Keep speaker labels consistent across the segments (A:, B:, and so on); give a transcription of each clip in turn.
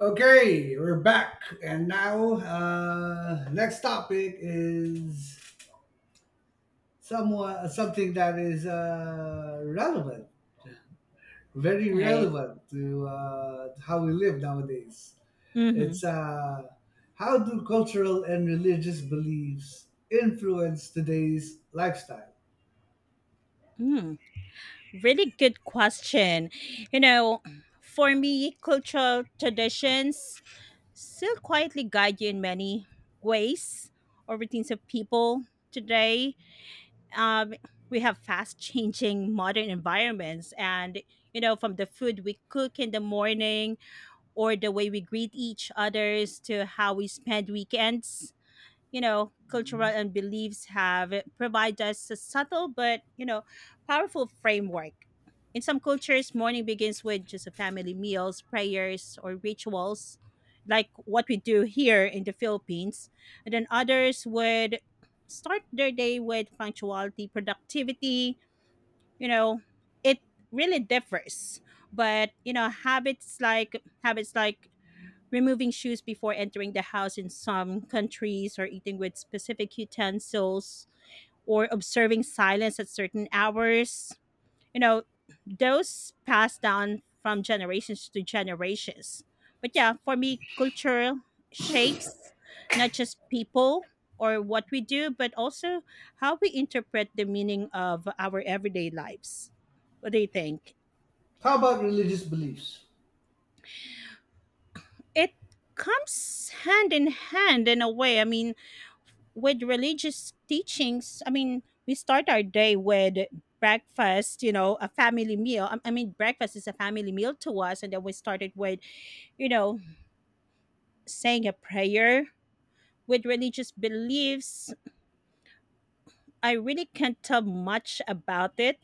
A: Okay, we're back, and now next topic is somewhat something that is relevant, very
B: Right.
A: relevant to how we live nowadays.
B: Mm-hmm.
A: It's how do cultural and religious beliefs influence today's lifestyle?
B: Mm. Really good question. You know, for me, cultural traditions still quietly guide you in many ways or routines of people today. Um, we have fast changing modern environments, and you know from the food we cook in the morning or the way we greet each others to how we spend weekends, you know cultural
A: Mhm.
B: and beliefs have provide us a subtle but you know powerful framework. In some cultures morning begins with just a family meals, prayers, or rituals like what we do here in the Philippines, and then others would start their day with punctuality, productivity. You know, it really differs, but you know habits like removing shoes before entering the house in some countries, or eating with specific utensils, or observing silence at certain hours. You know, those passed down from generations to generations. But yeah, for me culture shapes not just people or what we do, but also how we interpret the meaning of our everyday lives. What do you think?
A: How about religious beliefs?
B: It comes hand in hand in a way. I mean, with religious teachings, I mean, we start our day with breakfast, a family meal. I mean, breakfast is a family meal to us. And then we started with, you know, saying a prayer with religious beliefs. I really can't tell much about it,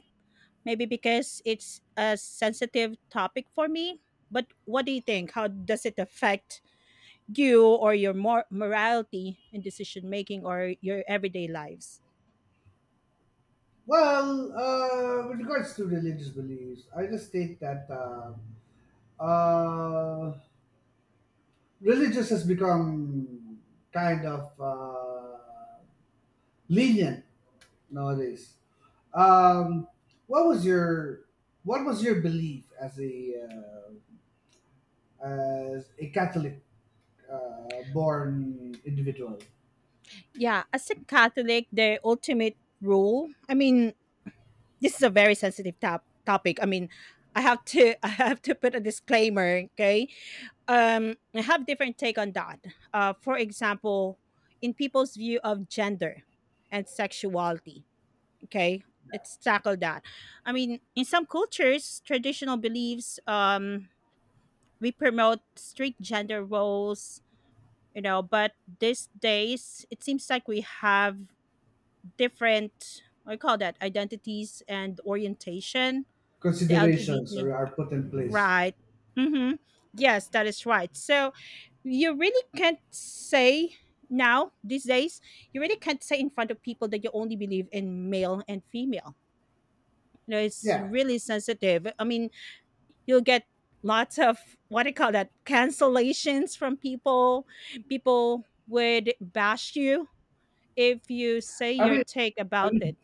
B: maybe because it's a sensitive topic for me. But what do you think? How does it affect you or your morality in decision making or your everyday lives?
A: Well, with regards to religious beliefs, I just think that. Uh, uh, religious has become kind of lenient nowadays. Um, what was your what was your belief uh, as a Catholic born individual?
B: Yeah, as a Catholic, their ultimate rule. I mean, this is a very sensitive topic. I mean, I have to I have to put a disclaimer, okay? I have different take on that. For example, in people's view of gender and sexuality, okay? Let's tackle that. I mean, in some cultures, traditional beliefs, we promote strict gender roles, you know, but these days it seems like we have different, I call that, identities and orientation, the
A: Considerations
B: LGBT.
A: are put in place.
B: Right. Mm-hmm. Yes, that is right. So you really can't say now, these days, you really can't say in front of people that you only believe in male and female. You know, it's
A: Yeah,
B: really sensitive. I mean, you'll get lots of, what do you call that, cancellations from people. People would bash you if you say
A: I
B: your
A: mean,
B: take
A: I
B: about
A: mean,
B: it.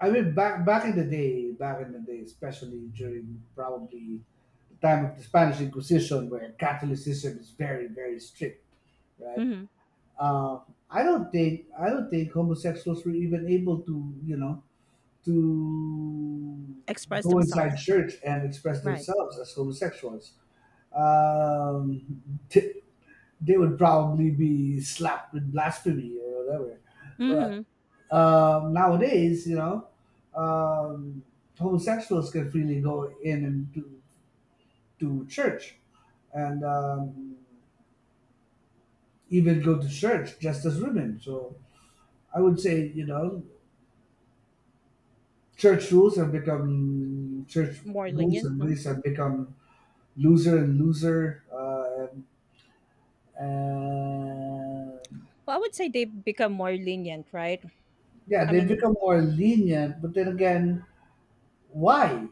A: I mean, back in the day, especially during probably the time of the Spanish Inquisition, where Catholicism is very strict, right?
B: Mhm.
A: uh, I don't think homosexuals were even able to, you know, to
B: Express
A: go inside
B: themselves, right?
A: church and express
B: Right.
A: themselves as homosexuals. Um, th- they would probably be slapped with blasphemy or whatever. But
B: Mhm.
A: nowadays, you know, um, homosexuals can freely go in and to church and even go to church just as women. So I would say, you know, church
B: More
A: rules
B: lenient,
A: and
B: no?
A: ways have become looser and looser, and
B: Well, I would say they've become more lenient, right?
A: yeah,
B: I
A: they've
B: mean,
A: become more lenient. But then again, why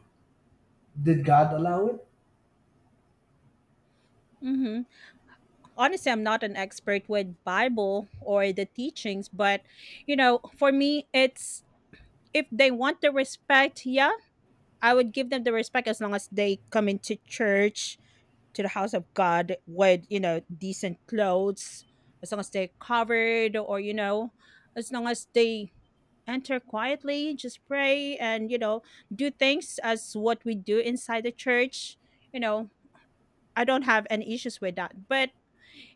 A: did God allow it?
B: mhm. Honestly, I'm not an expert with Bible or the teachings, but you know, for me, it's if they want the respect, yeah, I would give them the respect as long as they come into church, to the house of God with you know decent clothes, as long as they're covered, or you know, as long as they enter quietly, just pray and, you know, do things as what we do inside the church. You know, I don't have any issues with that. But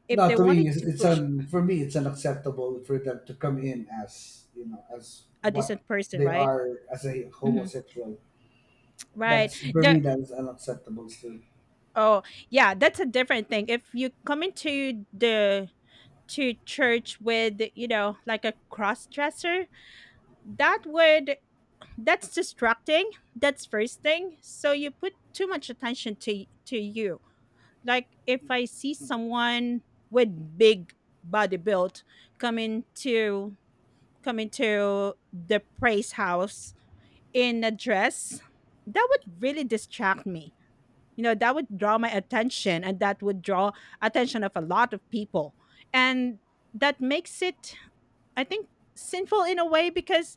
B: if they
A: No, to me,
B: wanted to push
A: for me, it's unacceptable for them to come in as, you know, as
B: a
A: what
B: decent person,
A: they
B: right?
A: are, as a
B: Hmm.
A: homosexual.
B: Right.
A: That's for
B: The
A: me, that is unacceptable still.
B: oh yeah, that's a different thing. If you come into the to church with you know like a cross dresser, that would that's distracting. That's first thing. So you put too much attention to you. Like if I see someone with big body build coming to coming to the praise house in a dress, that would really distract me. You know, that would draw my attention, and that would draw attention of a lot of people. And that makes it, I think, sinful in a way because,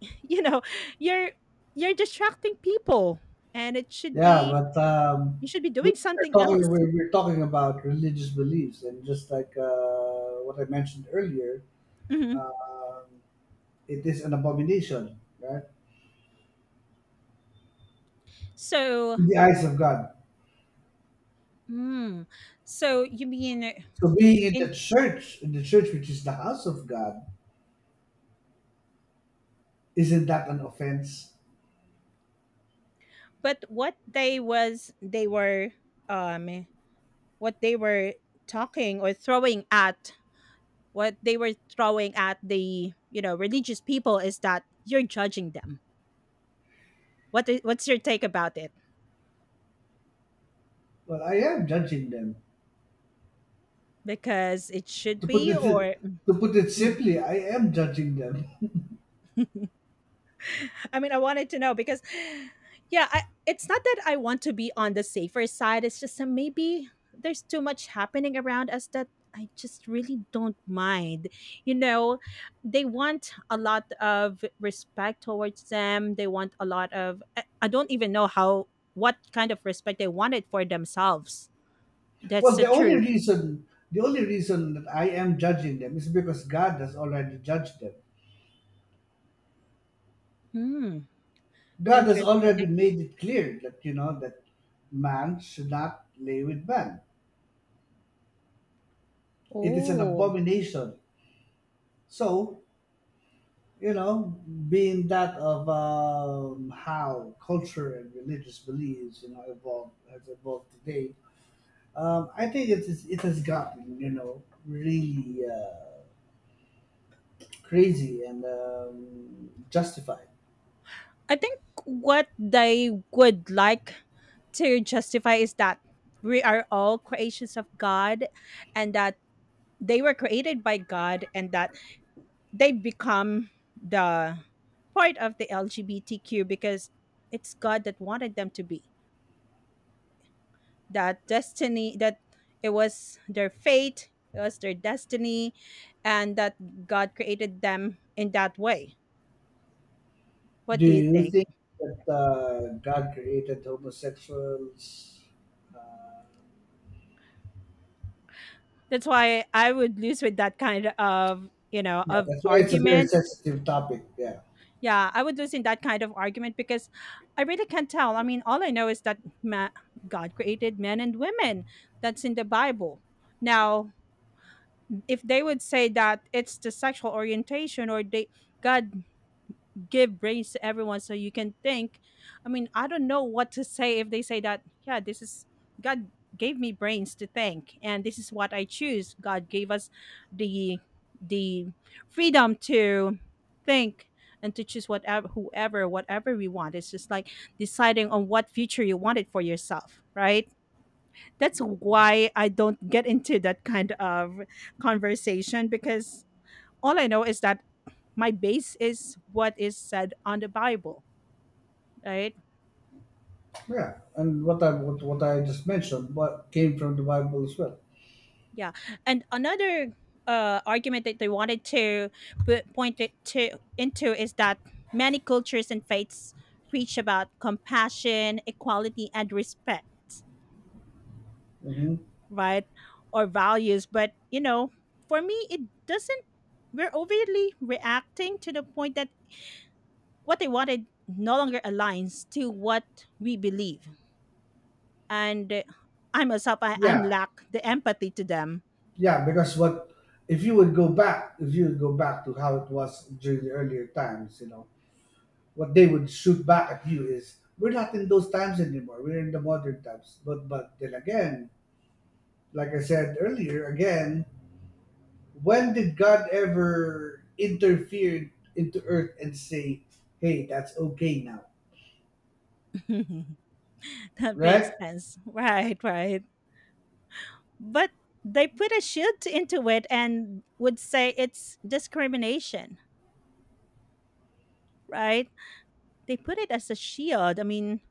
B: you know, you're you're distracting people, and it should
A: Yeah,
B: be
A: but
B: you should be doing
A: we're
B: something
A: talking
B: else.
A: we're talking about religious beliefs, and just like what I mentioned earlier,
B: Mhm.
A: um, it is an abomination, right?
B: So
A: In the eyes of God.
B: mm. So you mean
A: So being in
B: in
A: the church, which is the house of God, isn't that an offense?
B: but what they was they were um what they were talking or throwing at, what they were throwing at the you know religious people is that you're judging them. What's your take about it?
A: Well, I am judging them.
B: Because it should
A: To put
B: be
A: it
B: or
A: to put it
B: mm-hmm.
A: simply, I am judging them.
B: I mean, I wanted to know because, yeah, it's not that I want to be on the safer side. It's just that maybe there's too much happening around us that I just really don't mind. You know, they want a lot of respect towards them. They want a lot of, I don't even know how, what kind of respect they wanted for themselves. That's
A: Well,
B: the truth.
A: the only reason that I am judging them is because God has already judged them.
B: Hmm.
A: God has
B: Interesting.
A: already
B: Like,
A: made it clear that, you know, that man should not lay with man. It is an
B: oh.
A: abomination. So, you know, being that of how culture and religious beliefs, you know, evolved today, I think it has gotten, you know, really crazy and justified.
B: I think what they would like to justify is that we are all creations of God, and that they were created by God, and that they become the part of the LGBTQ because it's God that wanted them to be. That destiny, that it was their fate, it was their destiny, and that God created them in that way. What
A: Do
B: do you
A: you
B: think?
A: think that God created homosexuals? Uh,
B: That's why I would lose with that kind of, you know,
A: Yeah,
B: of
A: that's why it's a very
B: argument.
A: sensitive topic. Yeah,
B: Yeah, I would lose in that kind of argument because I really can't tell. I mean, all I know is that God created men and women. That's in the Bible. Now, if they would say that it's the sexual orientation or they God give brains to everyone so you can think. I mean, I don't know what to say if they say that, yeah, this is God gave me brains to think, and this is what I choose. God gave us the the freedom to think and to choose whatever whoever whatever we want. It's just like deciding on what future you wanted for yourself, right? That's why I don't get into that kind of conversation because all I know is that my base is what is said on the Bible, right?
A: yeah, and what I just mentioned, what came from the Bible as well.
B: Yeah, and another argument that they wanted to point it to into is that many cultures and faiths preach about compassion, equality, and respect,
A: Hmm.
B: right? Or values, but you know, for me it doesn't. We're overly reacting to the point that what they wanted no longer aligns to what we believe. And I'm a sap, I'm
A: Yeah,
B: lack the empathy to them.
A: yeah, because what, if you would go back, if you would go back to how it was during the earlier times, you know, what they would shoot back at you is, we're not in those times anymore. We're in the modern times. But, then again, like I said earlier, again, when did God ever interfere into Earth and say, "Hey, that's okay now"?
B: That makes
A: Right?
B: sense. Right, right. But they put a shield into it and would say it's discrimination, right? They put it as a shield. I mean,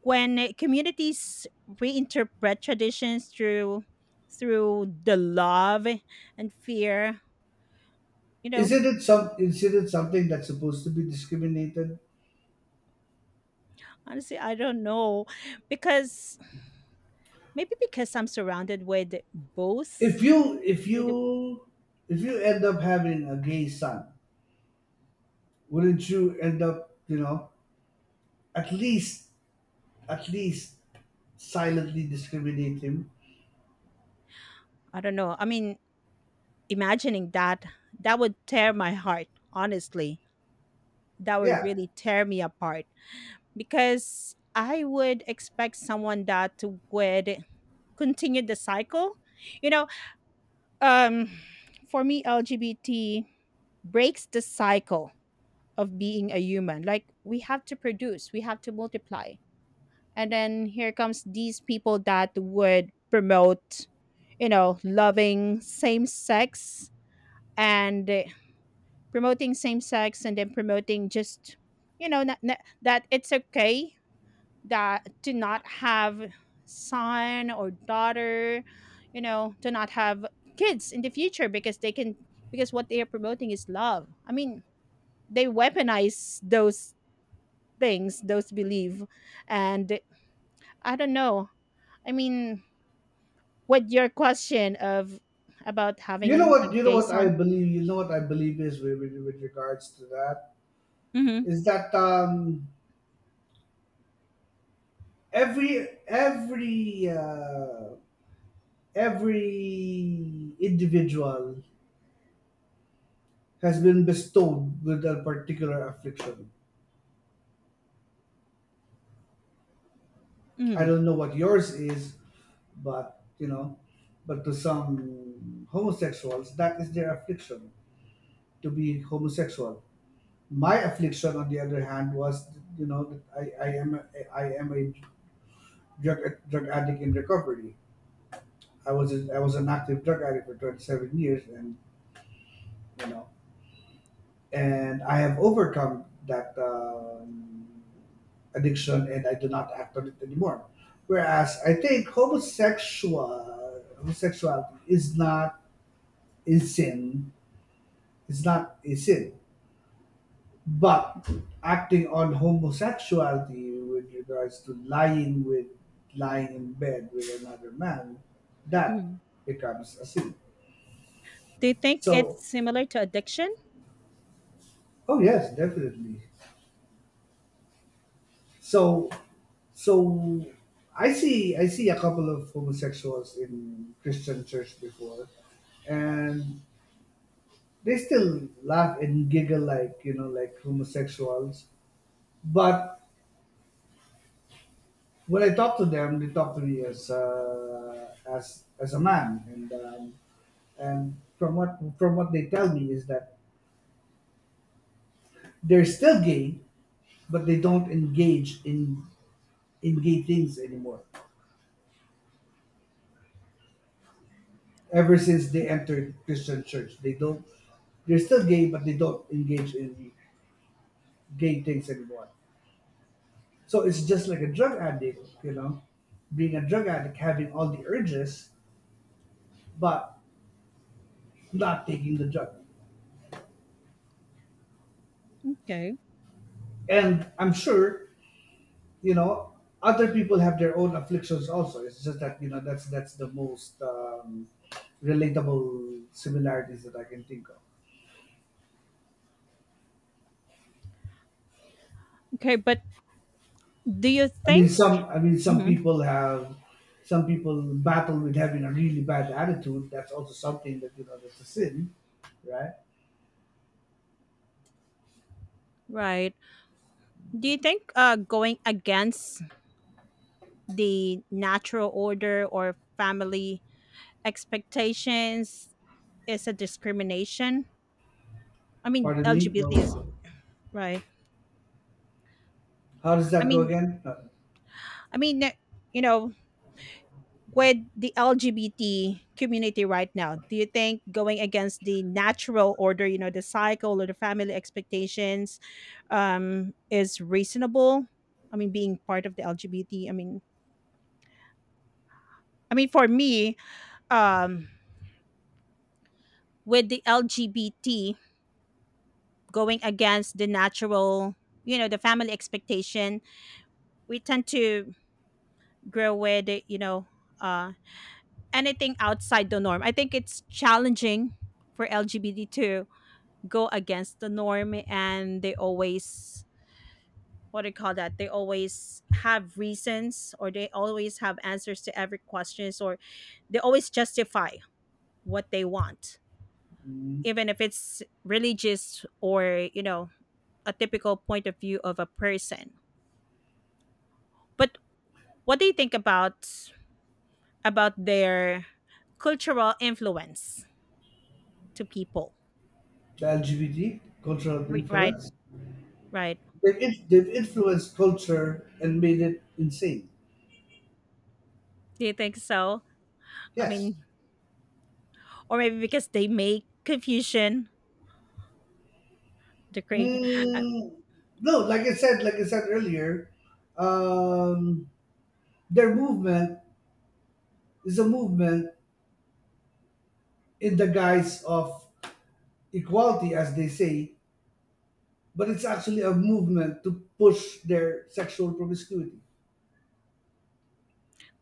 B: when communities reinterpret traditions through the love and fear, you know,
A: Isn't it something that's supposed to be discriminated?
B: honestly, I don't know because maybe because I'm surrounded with
A: If
B: both
A: you if
B: with
A: you if you end up having a gay son, wouldn't you end up, you know, at least, at least silently discriminate him?
B: I don't know. I mean, imagining that that would tear my heart, honestly. That would
A: Yeah,
B: really tear me apart because I would expect someone that would continue the cycle. You know, um for me LGBT breaks the cycle of being a human. Like we have to produce, we have to multiply. And then here comes these people that would promote, you know, loving same sex and promoting same sex, and then promoting just you know that it's okay that to not have son or daughter, you know, to not have kids in the future because they can, because what they are promoting is love. I mean, they weaponize those things, those belief. And I don't know. I mean, what your question of about having a
A: you know
B: gay
A: what I
B: son.
A: believe. You know what I believe is with, with regards to that
B: Mm-hmm,
A: is that every every uh, every individual has been bestowed with a particular affliction. I
B: mm-hmm.
A: don't know what yours is, but you know, but to some homosexuals, that is their affliction to be homosexual. My affliction, on the other hand, was, you know, that I am a drug drug addict in recovery. I was an active drug addict for 27 years, and you know, and I have overcome that addiction, and I do not act on it anymore. Whereas I think homosexuality is not a sin. It's not a sin, but acting on homosexuality with regards to lying with, lying in bed with another man, that becomes a sin.
B: Do you think
A: So,
B: it's similar to addiction?
A: oh yes, definitely. So, so I see, a couple of homosexuals in Christian church before, and they still laugh and giggle like, you know, like homosexuals. But when I talk to them, they talk to me as, as a man, and and from what they tell me is that they're still gay, but they don't engage in gay things anymore. Ever since they entered Christian church. They don't, they're still gay, but they don't engage in gay things anymore. So it's just like a drug addict, you know, being a drug addict, having all the urges, but not taking the drug.
B: Okay.
A: And I'm sure, you know, other people have their own afflictions also. It's just that, you know, that's the most relatable similarities that I can think of.
B: Okay, but do you think
A: I mean, some
B: mhm.
A: people have. Some people battle with having a really bad attitude. That's also something that, you know, that's a sin, right?
B: Right? Do you think going against the natural order or family expectations is a discrimination. I mean,
A: Pardon me.
B: LGBT is
A: Well,
B: right.
A: how does
B: I
A: that go
B: mean,
A: again?
B: I mean, eh, you know, with the LGBT community right now, do you think going against the natural order, you know, the cycle or the family expectations, is reasonable? I mean, being part of the LGBT. I mean, for me, um, with the LGBT going against the natural, you know, the family expectation, we tend to grow with it, you know uh anything outside the norm, I think it's challenging for LGBT to go against the norm, and they always, what do you call that, they always have reasons, or they always have answers to every questions, or they always justify what they want,
A: Mm,
B: even if it's religious or you know a typical point of view of a person. But what do you think about their cultural influence to people.
A: The LGBT cultural
B: Right,
A: influence.
B: right.
A: They've influenced culture and made it insane.
B: Do you think so? I
A: Yes.
B: mean, or maybe because they make confusion, the create. Um,
A: Mm, no, like I said, earlier, um, their movement is a movement in the guise of equality, as they say, but it's actually a movement to push their sexual promiscuity.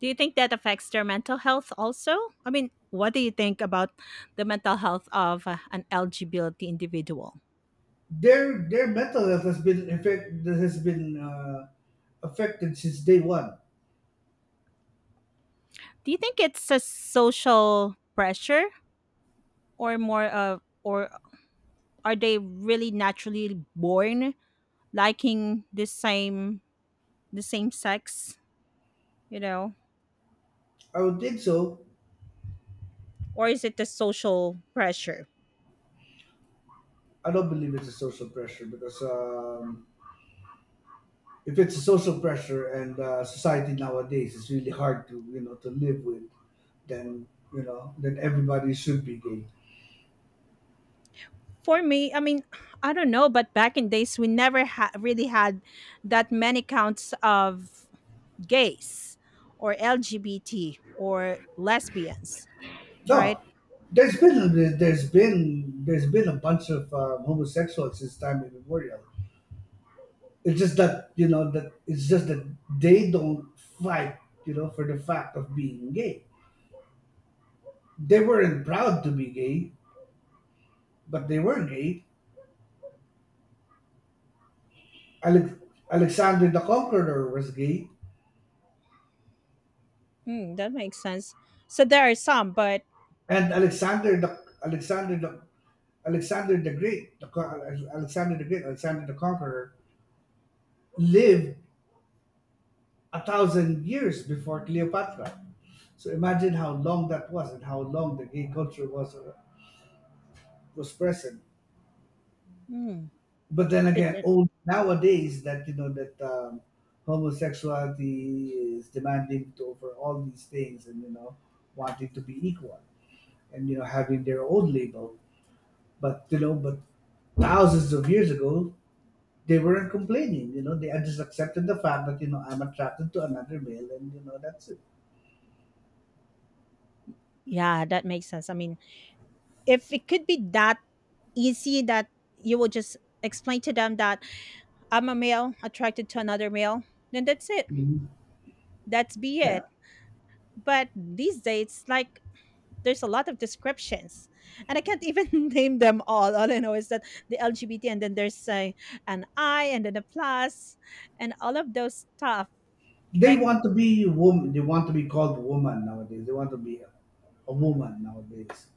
B: do you think that affects their mental health also? I mean, what do you think about the mental health of an LGBT individual?
A: Their mental health has been effect. That has been affected since day one.
B: Do you think it's a social pressure, or more of, or are they really naturally born liking the same sex, you know,
A: I would think so.
B: or is it the social pressure?
A: I don't believe it's a social pressure because if it's a social pressure and society nowadays is really hard to, you know, to live with, then, you know, then everybody should be gay.
B: For me, I mean, I don't know, but back in days we never really had that many counts of gays or LGBT or lesbians, right?
A: No, there's been a bunch of homosexuals since time immemorial. It's just that, you know, that it's just that they don't fight, you know, for the fact of being gay. They weren't proud to be gay, but they were gay. Alex- Alexander the Conqueror was gay,
B: Mm, that makes sense. So there are some, but
A: and Alexander the Great, Alexander the Great, Alexander the Conqueror lived a thousand years before Cleopatra. So imagine how long that was and how long the gay culture was present.
B: mm,
A: But then
B: that's
A: again,
B: it.
A: old nowadays that, you know, that homosexuality is demanding to over all these things, and, you know, wanting to be equal, and, you know, having their own label. But you know, but thousands of years ago, they weren't complaining. You know, they had just accepted the fact that, you know, I'm attracted to another male, and, you know, that's it.
B: Yeah, that makes sense. I mean, if it could be that easy that you will just explain to them that I'm a male attracted to another male, then that's it.
A: Mhm.
B: That's be
A: Yeah,
B: it. But these days, like, there's a lot of descriptions and I can't even name them all I know is that the LGBT and then there's an I and then a plus and all of those stuff,
A: they
B: like.
A: want to be woman. They want to be called woman nowadays. They want to be a woman nowadays.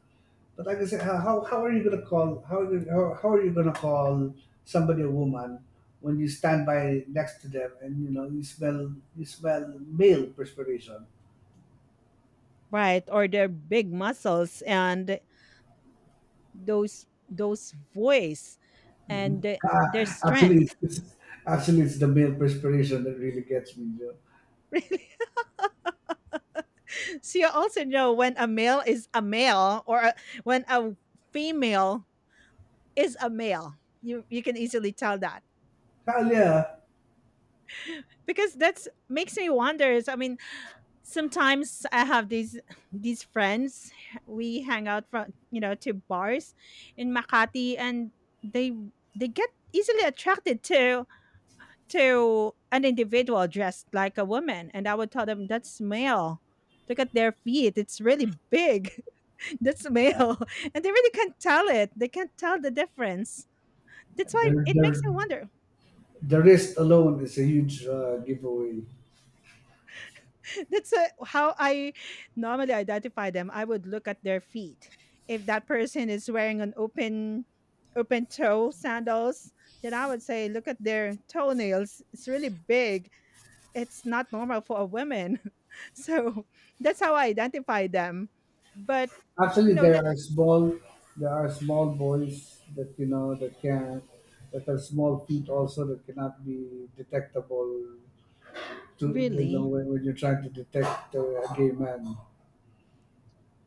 A: But like I said, how are you gonna call, how are you gonna call somebody a woman when you stand by next to them and, you know, you smell male perspiration?
B: Right, or their big muscles and those voice
A: Mhm.
B: and their
A: Ah, actually,
B: strength.
A: it's actually it's the male perspiration that really gets me. You know?
B: Really. So you also know when a male is a male, when a female is a male, you can easily tell that.
A: Hell yeah,
B: Because that's makes me wonder, is, I mean, sometimes I have these friends, we hang out from, you know, to bars in Makati, and they they get easily attracted to an individual dressed like a woman, and I would tell them that's male, look at their feet, it's really big. That's male. And they really can't tell it, they can't tell the difference. That's why
A: their
B: it makes
A: their
B: me wonder.
A: the wrist alone is a huge giveaway.
B: That's how I normally identify them. I would look at their feet. If that person is wearing an open toe sandals, then I would say look at their toenails. It's really big. It's not normal for a woman. So that's how I identify them. But you
A: Actually,
B: know that.
A: there are small boys that, you know, that can, that are small feet also that cannot be detectable to, you know,
B: Really,
A: when you're trying to detect a gay man.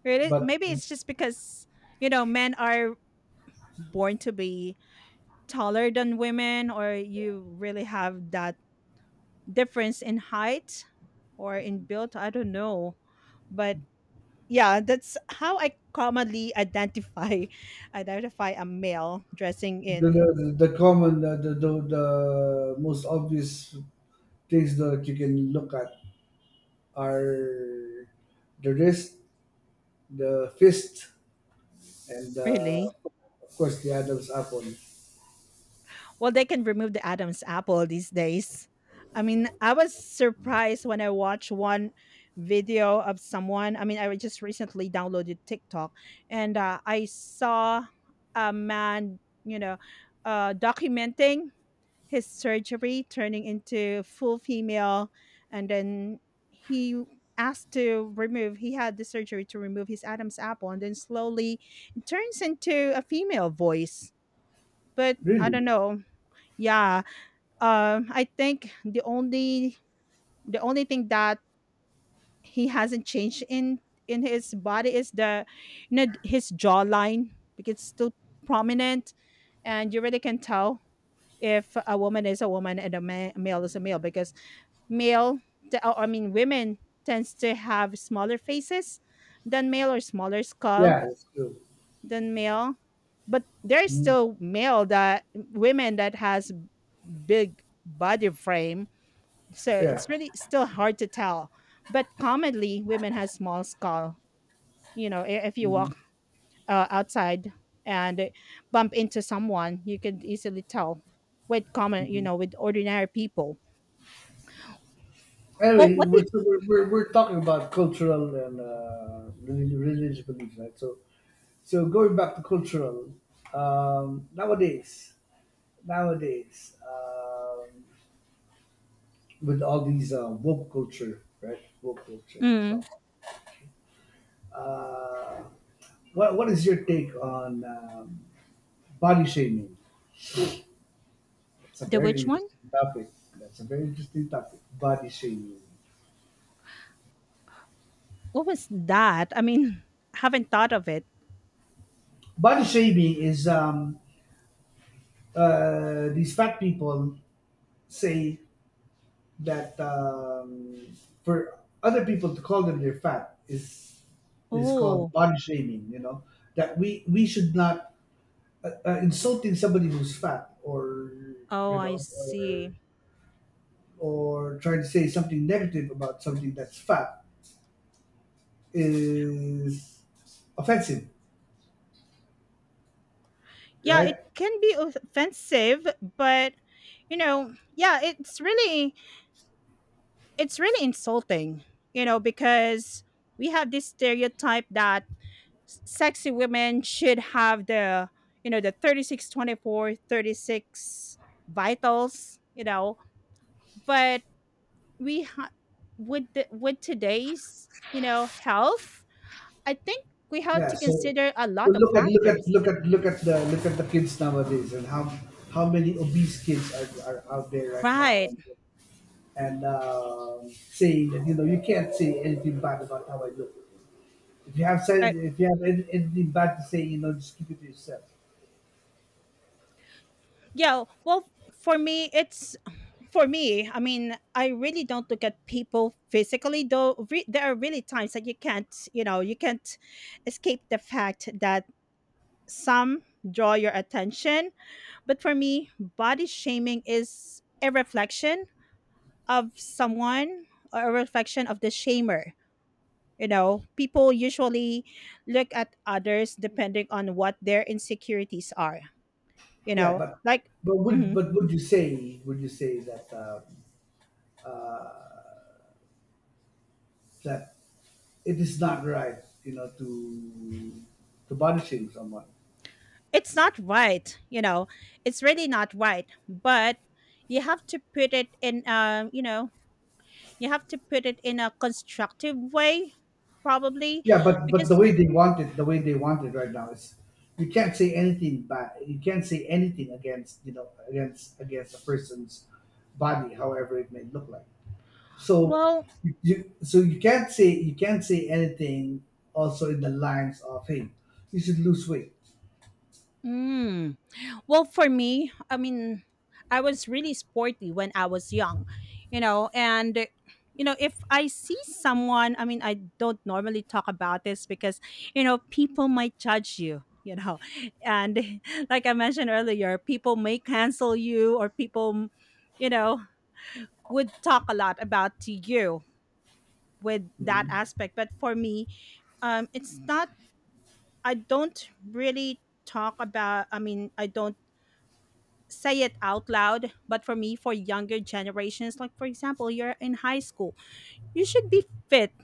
B: really,
A: But
B: maybe it's just because, you know, men are born to be taller than women, or you really have that difference in height or in build, I don't know. But yeah, that's how I commonly identify identify a male dressing in.
A: the, the most obvious things that you can look at are the wrist, the fist, and
B: Really.
A: of course the Adam's apple.
B: Well, they can remove the Adam's apple these days. I mean, I was surprised when I watched one video of someone. I mean, I just recently downloaded TikTok, and I saw a man, you know, documenting his surgery turning into full female, and then he asked to remove, he had the surgery to remove his Adam's apple, and then slowly it turns into a female voice. But I
A: Really?
B: don't know. Yeah. I think the only thing that he hasn't changed in his body is the, you know, his jawline, because it's still prominent. And you really can tell if a woman is a woman and a male is a male. Because male t- I mean, women tends to have smaller faces than male, or smaller skull
A: Yeah, it's true.
B: than male. But there's
A: Mhm.
B: still male that women that has big body frame, so
A: Yeah.
B: it's really still hard to tell. But commonly women has small skull. You know, if you
A: Mhm,
B: walk outside and bump into someone, you can easily tell. With common, you
A: mhm.
B: know, with ordinary people. Well,
A: Anyway,
B: what
A: we're,
B: did.
A: so we're, we're, we're talking about cultural and religious beliefs, right? So, so going back to cultural, um, nowadays, nowadays, with all these woke culture, right? Woke culture
B: mm,
A: stuff. Uh, what is your take on body shaming? It's a
B: the
A: very
B: which one.
A: interesting topic. That's a very interesting topic. Body shaming.
B: What was that? I mean, haven't thought of it.
A: Body shaming is these fat people say that for other people to call them they're fat is called
B: Oh.
A: body shaming. You know that we should not, insulting somebody who's fat or,
B: Oh,
A: you
B: I
A: know,
B: see.
A: or trying to say something negative about something that's fat is offensive,
B: Yeah, it
A: right?
B: can be offensive, but, you know, yeah, it's really insulting. You know, because we have this stereotype that sexy women should have the 36-24-36 vitals, you know. But we ha- with with today's, you know, health, I think we have
A: Yeah,
B: to
A: so,
B: consider a
A: so
B: lot of
A: look at,
B: factors.
A: look at the kids nowadays and how many obese kids are out there right now,
B: Right.
A: and saying that, you know, you can't say anything bad about how I look. If you have said,
B: Right.
A: if you have any, anything bad to say, you know, just keep it to yourself.
B: Yeah, well, for me, it's, for me. I mean, I really don't look at people physically, though. There are really times that you can't escape the fact that some draw your attention. But for me, body shaming is a reflection of someone, or a reflection of the shamer. You know, people usually look at others depending on what their insecurities are. You
A: Yeah,
B: know, like. mhm,
A: but would you say, that uh, that it is not right, you know, to body shame someone?
B: it's not right. You know, it's really not right. But you have to put it in. You have to put it in a constructive way, probably,
A: Yeah, but the
B: because.
A: way they want it, right now is, you can't say anything bad. You can't say anything against, you know, against, against a person's body, however it may look like. So
B: Well.
A: so you can't say anything also in the lines of hey, you should lose weight.
B: Mm, Well, for me, I mean, I was really sporty when I was young, you know. And, you know, if I see someone, I mean, I don't normally talk about this because, you know, people might judge you, you know. And like I mentioned earlier, people may cancel you, or people, you know, would talk a lot about to you with that
A: Mhm.
B: aspect. But for me, it's not, I don't really talk about, I mean, I don't say it out loud. But for me, for younger generations, like for example, you're in high school, you should be fit,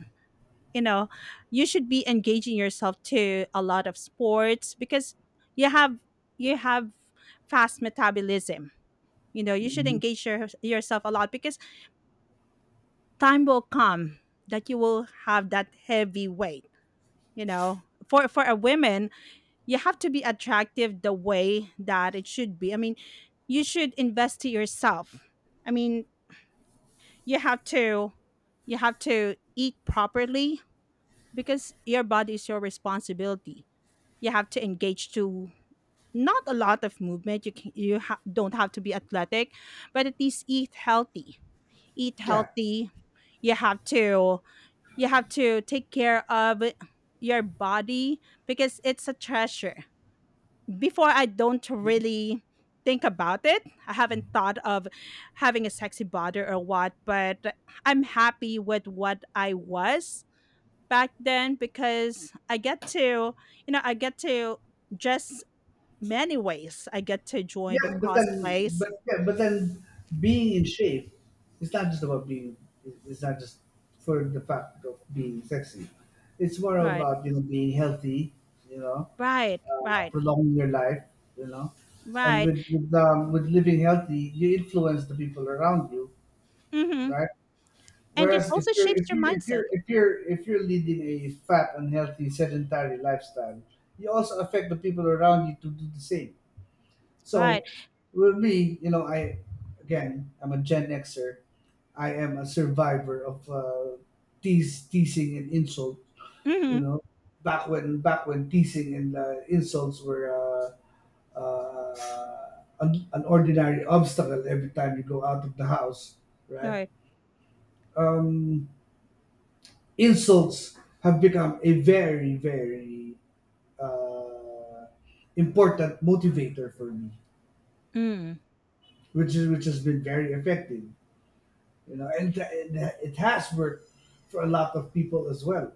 B: you know. You should be engaging yourself to a lot of sports, because you have, you have fast metabolism. You know, you should
A: Mhm.
B: engage yourself a lot, because time will come that you will have that heavy weight, you know. For a woman, you have to be attractive the way that it should be. I mean, you should invest to yourself. I mean, you have to, you have to eat properly, because your body is your responsibility. You have to engage to, not a lot of movement. You can, don't have to be athletic, but at least eat healthy. Eat
A: Yeah,
B: healthy. You have to, you have to take care of your body, because it's a treasure. Before, I don't really think about it. I haven't thought of having a sexy body or what, but I'm happy with what I was back then, because I get to, you know, I get to just, many ways. I get to join the
A: Yeah, but then,
B: cosplays.
A: yeah, but then, being in shape. It's not just about being. It's not just for the fact of being sexy. It's more
B: Right.
A: about you know being healthy. You know,
B: Right. Right.
A: prolonging your life. You know, and
B: Right.
A: with living healthy, you influence the people around you,
B: Mm-hmm.
A: right?
B: And it
A: Whereas if
B: also
A: you're
B: shapes
A: if
B: your
A: you're if you're
B: mindset.
A: if you're if you're leading a fat, unhealthy, sedentary lifestyle, you also affect the people around you to do the same.
B: Right.
A: So with me, you know, I again, I'm a Gen Xer. I am a survivor of teasing and insult. You
B: Mm-hmm.
A: know, back when teasing and insults were uh, uh, an ordinary obstacle every time you go out of the house, right?
B: Right.
A: Um, Insults have become a very very uh, important motivator for me,
B: Mm.
A: which is which has been very effective. You know, and it has worked for a lot of people as well.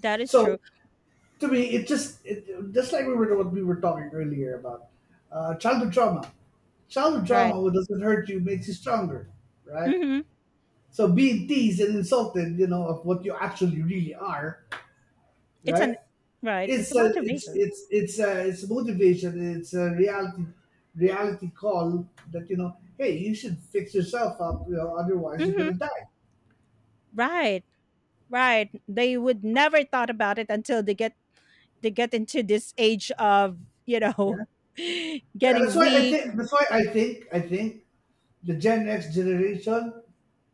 B: That is true.
A: So to me, just like we were what we were talking earlier about childhood trauma. Childhood
B: Right.
A: trauma, what doesn't hurt you makes you stronger, right?
B: Mm-hmm.
A: So being teased and insulted, you know, of what you actually really are,
B: It's
A: right?
B: an, right. It's a motivation.
A: It's a, it's motivation. It's a reality call that you know, hey, you should fix yourself up. You know, otherwise you're
B: Mm-hmm.
A: gonna die.
B: Right, right. They would never thought about it until they get, they get into this age of, you know,
A: Yeah? Yeah, that's
B: getting
A: why I
B: weak.
A: think that's why I think the Gen X generation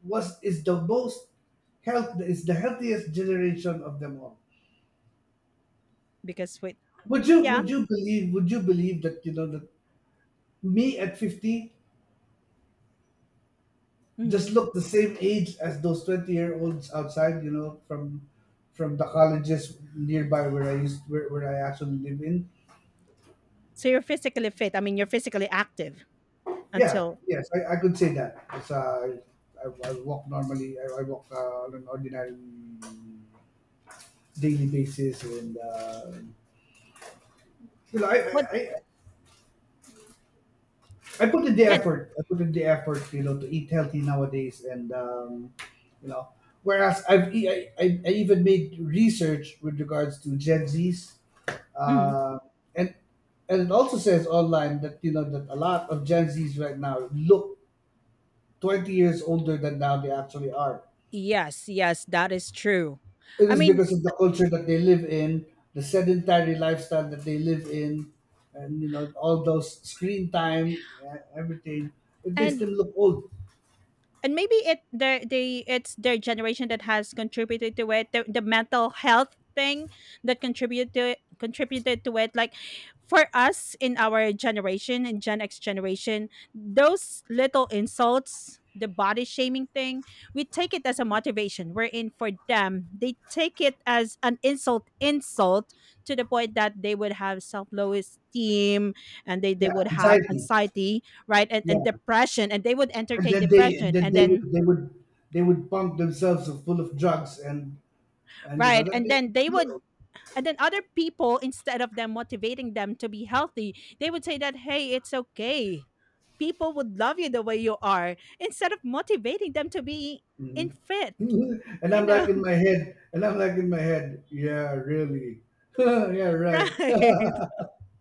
A: was is the most health is the healthiest generation of them all.
B: Because with.
A: Would you
B: Yeah.
A: would you believe would you believe that you know that me at 50
B: Hmm.
A: just look the same age as those 20 year olds outside, you know, from the colleges nearby where where I actually live in.
B: So you're physically fit. I mean, you're physically active
A: Yeah,
B: until
A: yes, I, I could say that. It's, I walk normally. I walk on an ordinary daily basis, and you know,
B: what?
A: I put in the
B: Yeah.
A: effort, you know, to eat healthy nowadays, and you know, whereas I've e- I even made research with regards to Gen Z's,
B: Mhm.
A: uh, and and it also says online that you know that a lot of Gen Z's right now look 20 years older than now they actually are.
B: Yes, yes, that is true.
A: It
B: I
A: is
B: mean,
A: because of the culture that they live in, the sedentary lifestyle that they live in, and you know all those screen time, everything. It makes
B: and
A: them look old.
B: and maybe it the, they, it's their generation that has contributed to it, the mental health thing that contributed to it, contributed to it. Like for us in our generation, in Gen X generation, those little insults, the body shaming thing, we take it as a motivation. We're in, for them they take it as an insult, insult, to the point that they would have self-low esteem, and they
A: Yeah,
B: would have
A: anxiety.
B: anxiety. Right, and
A: Yeah,
B: depression, and they would entertain
A: and
B: depression,
A: then
B: and
A: they would
B: then,
A: they would they would pump themselves full of drugs, and you know
B: right,
A: that
B: and
A: they
B: then they
A: look
B: would.
A: old.
B: And then other people, instead of them motivating them to be healthy, they would say that hey, it's okay, people would love you the way you are, instead of motivating them to be in
A: Mhm.
B: fit.
A: and
B: You
A: I'm
B: know.
A: like in my head, and I'm like in my head, yeah, really. Yeah, right.
B: Right.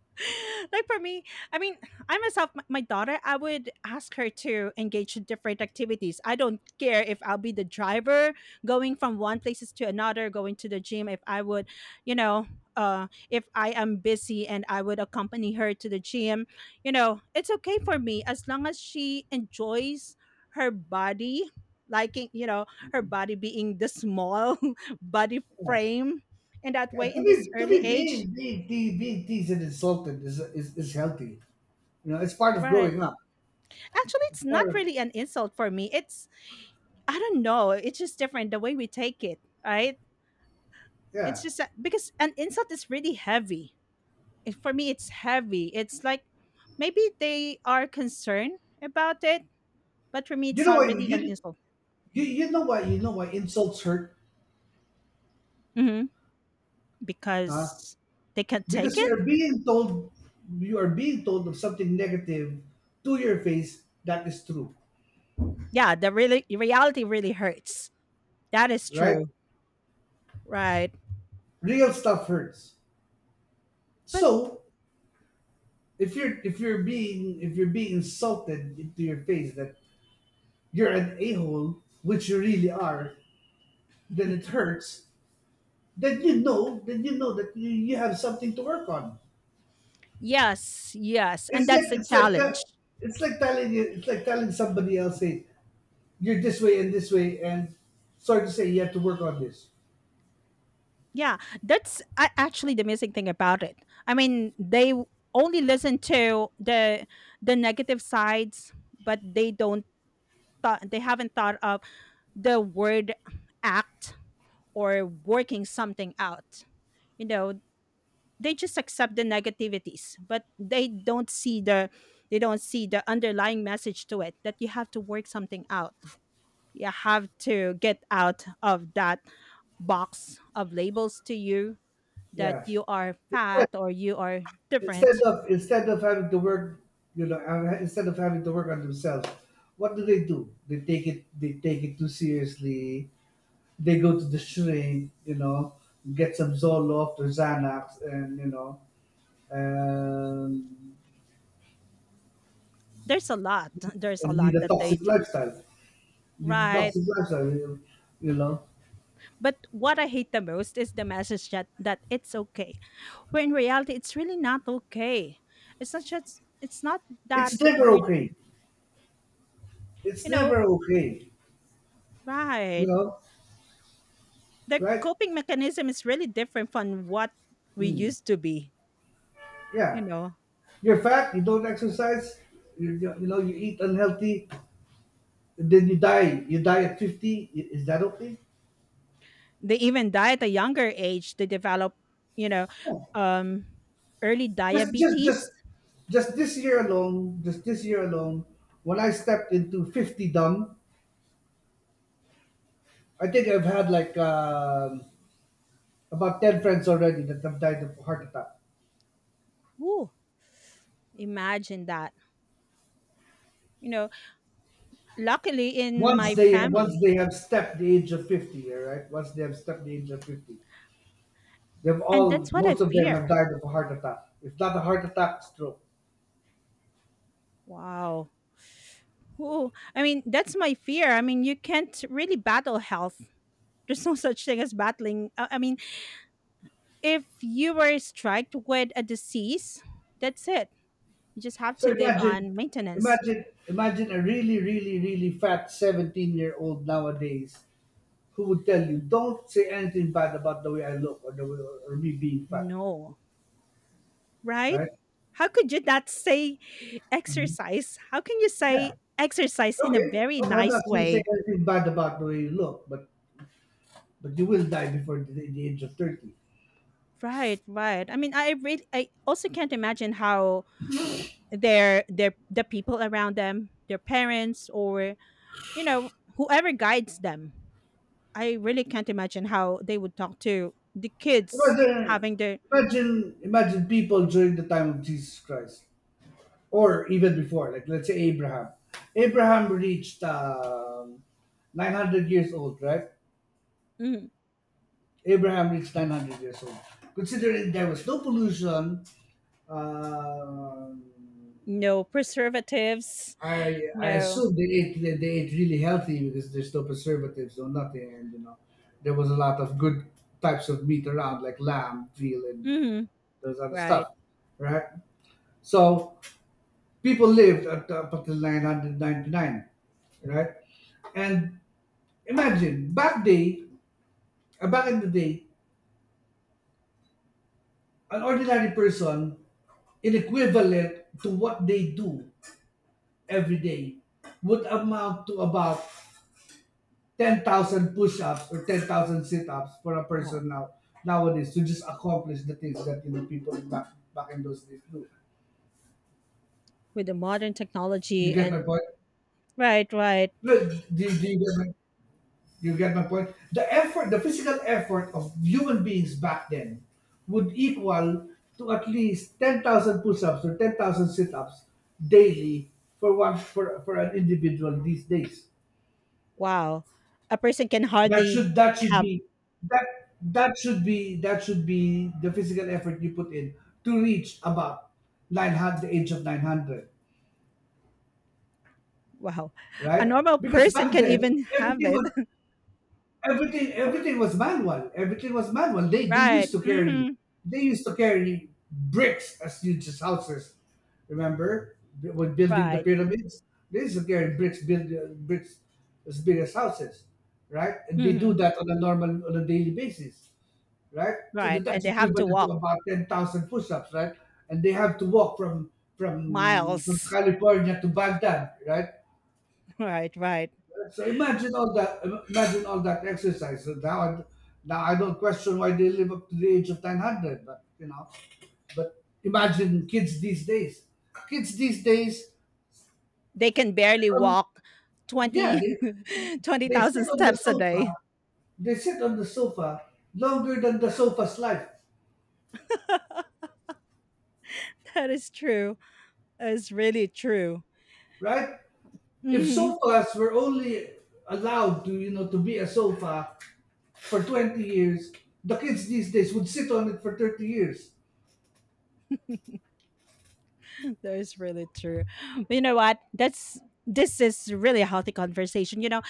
B: Like for me, I mean, I myself, my daughter, I would ask her to engage in different activities. I don't care if I'll be the driver going from one places to another, going to the gym. If I would, you know, if I am busy and I would accompany her to the gym, you know, it's okay for me as long as she enjoys her body, liking, you know, her body being the small body frame, in that
A: Yeah,
B: way, in this
A: to
B: early
A: be
B: age.
A: being being te- being teased and insulted is healthy. You know, it's part of
B: Right.
A: growing up.
B: Actually,
A: It's
B: it's
A: part
B: not
A: of,
B: really an insult for me. It's, I don't know. It's just different the way we take it, right? It's
A: yeah.
B: just that, because an insult is really heavy. It, for me, it's heavy. It's like, maybe they are concerned about it, but for me,
A: You
B: it's
A: know
B: not
A: what
B: really an
A: you
B: insult.
A: you, you know why insults hurt,
B: Hmm.
A: huh?
B: Because they can take
A: Because
B: it.
A: you are being told of something negative to your face that is true,
B: Yeah, the really reality really hurts. That is
A: right?
B: true, right?
A: Real stuff hurts.
B: But,
A: So if you're being insulted into your face that you're an a hole, which you really are, then it hurts. Then you know that you have something to work on.
B: yes, yes, and
A: It's like
B: that's the
A: it's like that.
B: challenge.
A: It's like telling somebody else, hey, you're this way, and sorry to say, you have to work on this.
B: Yeah, that's a, actually the amazing thing about it. I mean, they w- only listen to the negative sides, but they don't thought, they haven't thought of the word, act, or working something out. You know, they just accept the negativities, but they don't see the, they don't see the underlying message to it, that you have to work something out. You have to get out of that box of labels to you, that
A: Yeah.
B: you are
A: Instead
B: fat, or you are
A: instead
B: different.
A: of instead of having to you know, instead of having to work on themselves, what do they do? They take it too seriously. They go to the shrink, you know, get some Zoloft or Xanax, and you know, um,
B: There's a lot there's a
A: and
B: lot
A: lead a
B: that they
A: toxic
B: do.
A: lifestyle. Lead a
B: Right.
A: toxic lifestyle, you know.
B: But what I hate the most is the message that, that it's okay, where in reality it's really not okay. It's not just, it's not that
A: It's never
B: we're,
A: okay. It's
B: you
A: never
B: know,
A: okay, you
B: right.
A: know,
B: The
A: right?
B: coping mechanism is really different from what we
A: Mm.
B: used to be. You
A: Yeah.
B: know.
A: You're fat, you don't exercise, you know, you eat unhealthy, and then you die. You die at 50. I- Is that okay?
B: They even die at a younger age. They develop, you know, um early
A: Just, just, just,
B: diabetes.
A: just this year alone, when I stepped into 50 dumb, I think I've had like about 10 friends already that have died of heart attack.
B: Ooh, imagine that. You know, luckily in
A: Once
B: my
A: they once
B: family.
A: they have stepped the age of 50, all right. Once they have stepped the age of 50, they've
B: And that's
A: all
B: what I
A: most of them have
B: fear.
A: died of a heart attack. If not a heart attack, stroke.
B: Wow. Ooh, I mean, that's my fear. I mean, you can't really battle health. There's no such thing as battling. I mean, if you were struck with a disease, that's it. You just have
A: So
B: to live on maintenance.
A: imagine a really, really, really fat 17-year-old nowadays who would tell you, "Don't say anything bad about the way I look or the way, or me being fat,"
B: No, right?
A: right?
B: How could you not say exercise? How can you
A: Yeah.
B: say exercise in a very
A: Okay. I'm not
B: nice
A: going to say
B: way?
A: anything bad about the way you look, but you will die before the age of 30.
B: Right, right. I mean, I really, I also can't imagine how their, the people around them, their parents, or, you know, whoever guides them. I really can't imagine how they would talk to the kids
A: Imagine,
B: having their.
A: Imagine people during the time of Jesus Christ, or even before. Like let's say Abraham. Abraham reached 900 years old, right?
B: mm,
A: Abraham reached 900 years old. Considering there was no pollution, um,
B: No preservatives.
A: I
B: No.
A: assume they ate really healthy because there's no preservatives or nothing, and you know there was a lot of good types of meat around like lamb, veal, and
B: Mhm.
A: those other
B: Right.
A: stuff, right? So people lived up until 999, right? And imagine, back in the day, an ordinary person, in equivalent to what they do every day, would amount to about 10,000 push-ups or 10,000 sit-ups for a
B: Wow.
A: person nowadays to just accomplish the things that you know people back in those days do.
B: With the modern
A: You
B: technology
A: get my
B: and,
A: point?
B: right, right.
A: Look, do you get my you get my point? The effort, the physical effort of human beings back then would equal to at least 10,000 push-ups or 10,000 sit-ups daily for for an individual these days.
B: Wow. A person can hardly
A: That should
B: have.
A: be that that should be the physical effort you put in to reach about 900 the age of 900,
B: Wow. A
A: right?
B: normal
A: Because
B: person
A: back
B: can
A: then
B: even have
A: everything
B: it.
A: was everything was manual, they
B: Right.
A: used to carry
B: Mhm.
A: bricks as huge as houses, remember when building the
B: Right.
A: pyramids, they used to carry bricks build bricks as big as houses, right, and they do
B: Mhm.
A: that on a daily basis, right? So that
B: Right. And
A: that's
B: they have to
A: equivalent to
B: walk
A: about 10,000 push-ups, right? And they have to walk from
B: miles.
A: California to Baghdad, right?
B: Right, right.
A: So imagine all that. Imagine all that exercise. So now I don't question why they live up to the age of 900. But you know, but imagine kids these days. Kids these days,
B: They can barely
A: um,
B: walk
A: yeah,
B: 20, twenty
A: they
B: thousand
A: sit on the
B: steps a
A: sofa.
B: day.
A: They sit on the sofa longer than the sofa's life,
B: That is true. That is really true.
A: right? If
B: Mhm.
A: sofas were only allowed to you know to be a sofa for 20 years, the kids these days would sit on it for 30 years.
B: That is really true. But, you know what? That's, this is really a healthy conversation. You know,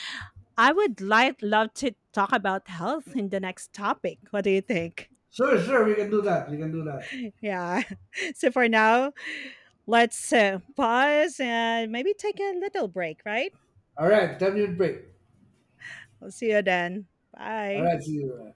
B: I would like love to talk about health in the next topic. What do you think?
A: Sure, sure, we can do that. We can do that.
B: Yeah. So for now, let's pause and maybe take a little break, right?
A: All right, 10-minute break.
B: We'll see you then.
A: All
B: Bye.
A: right, see you.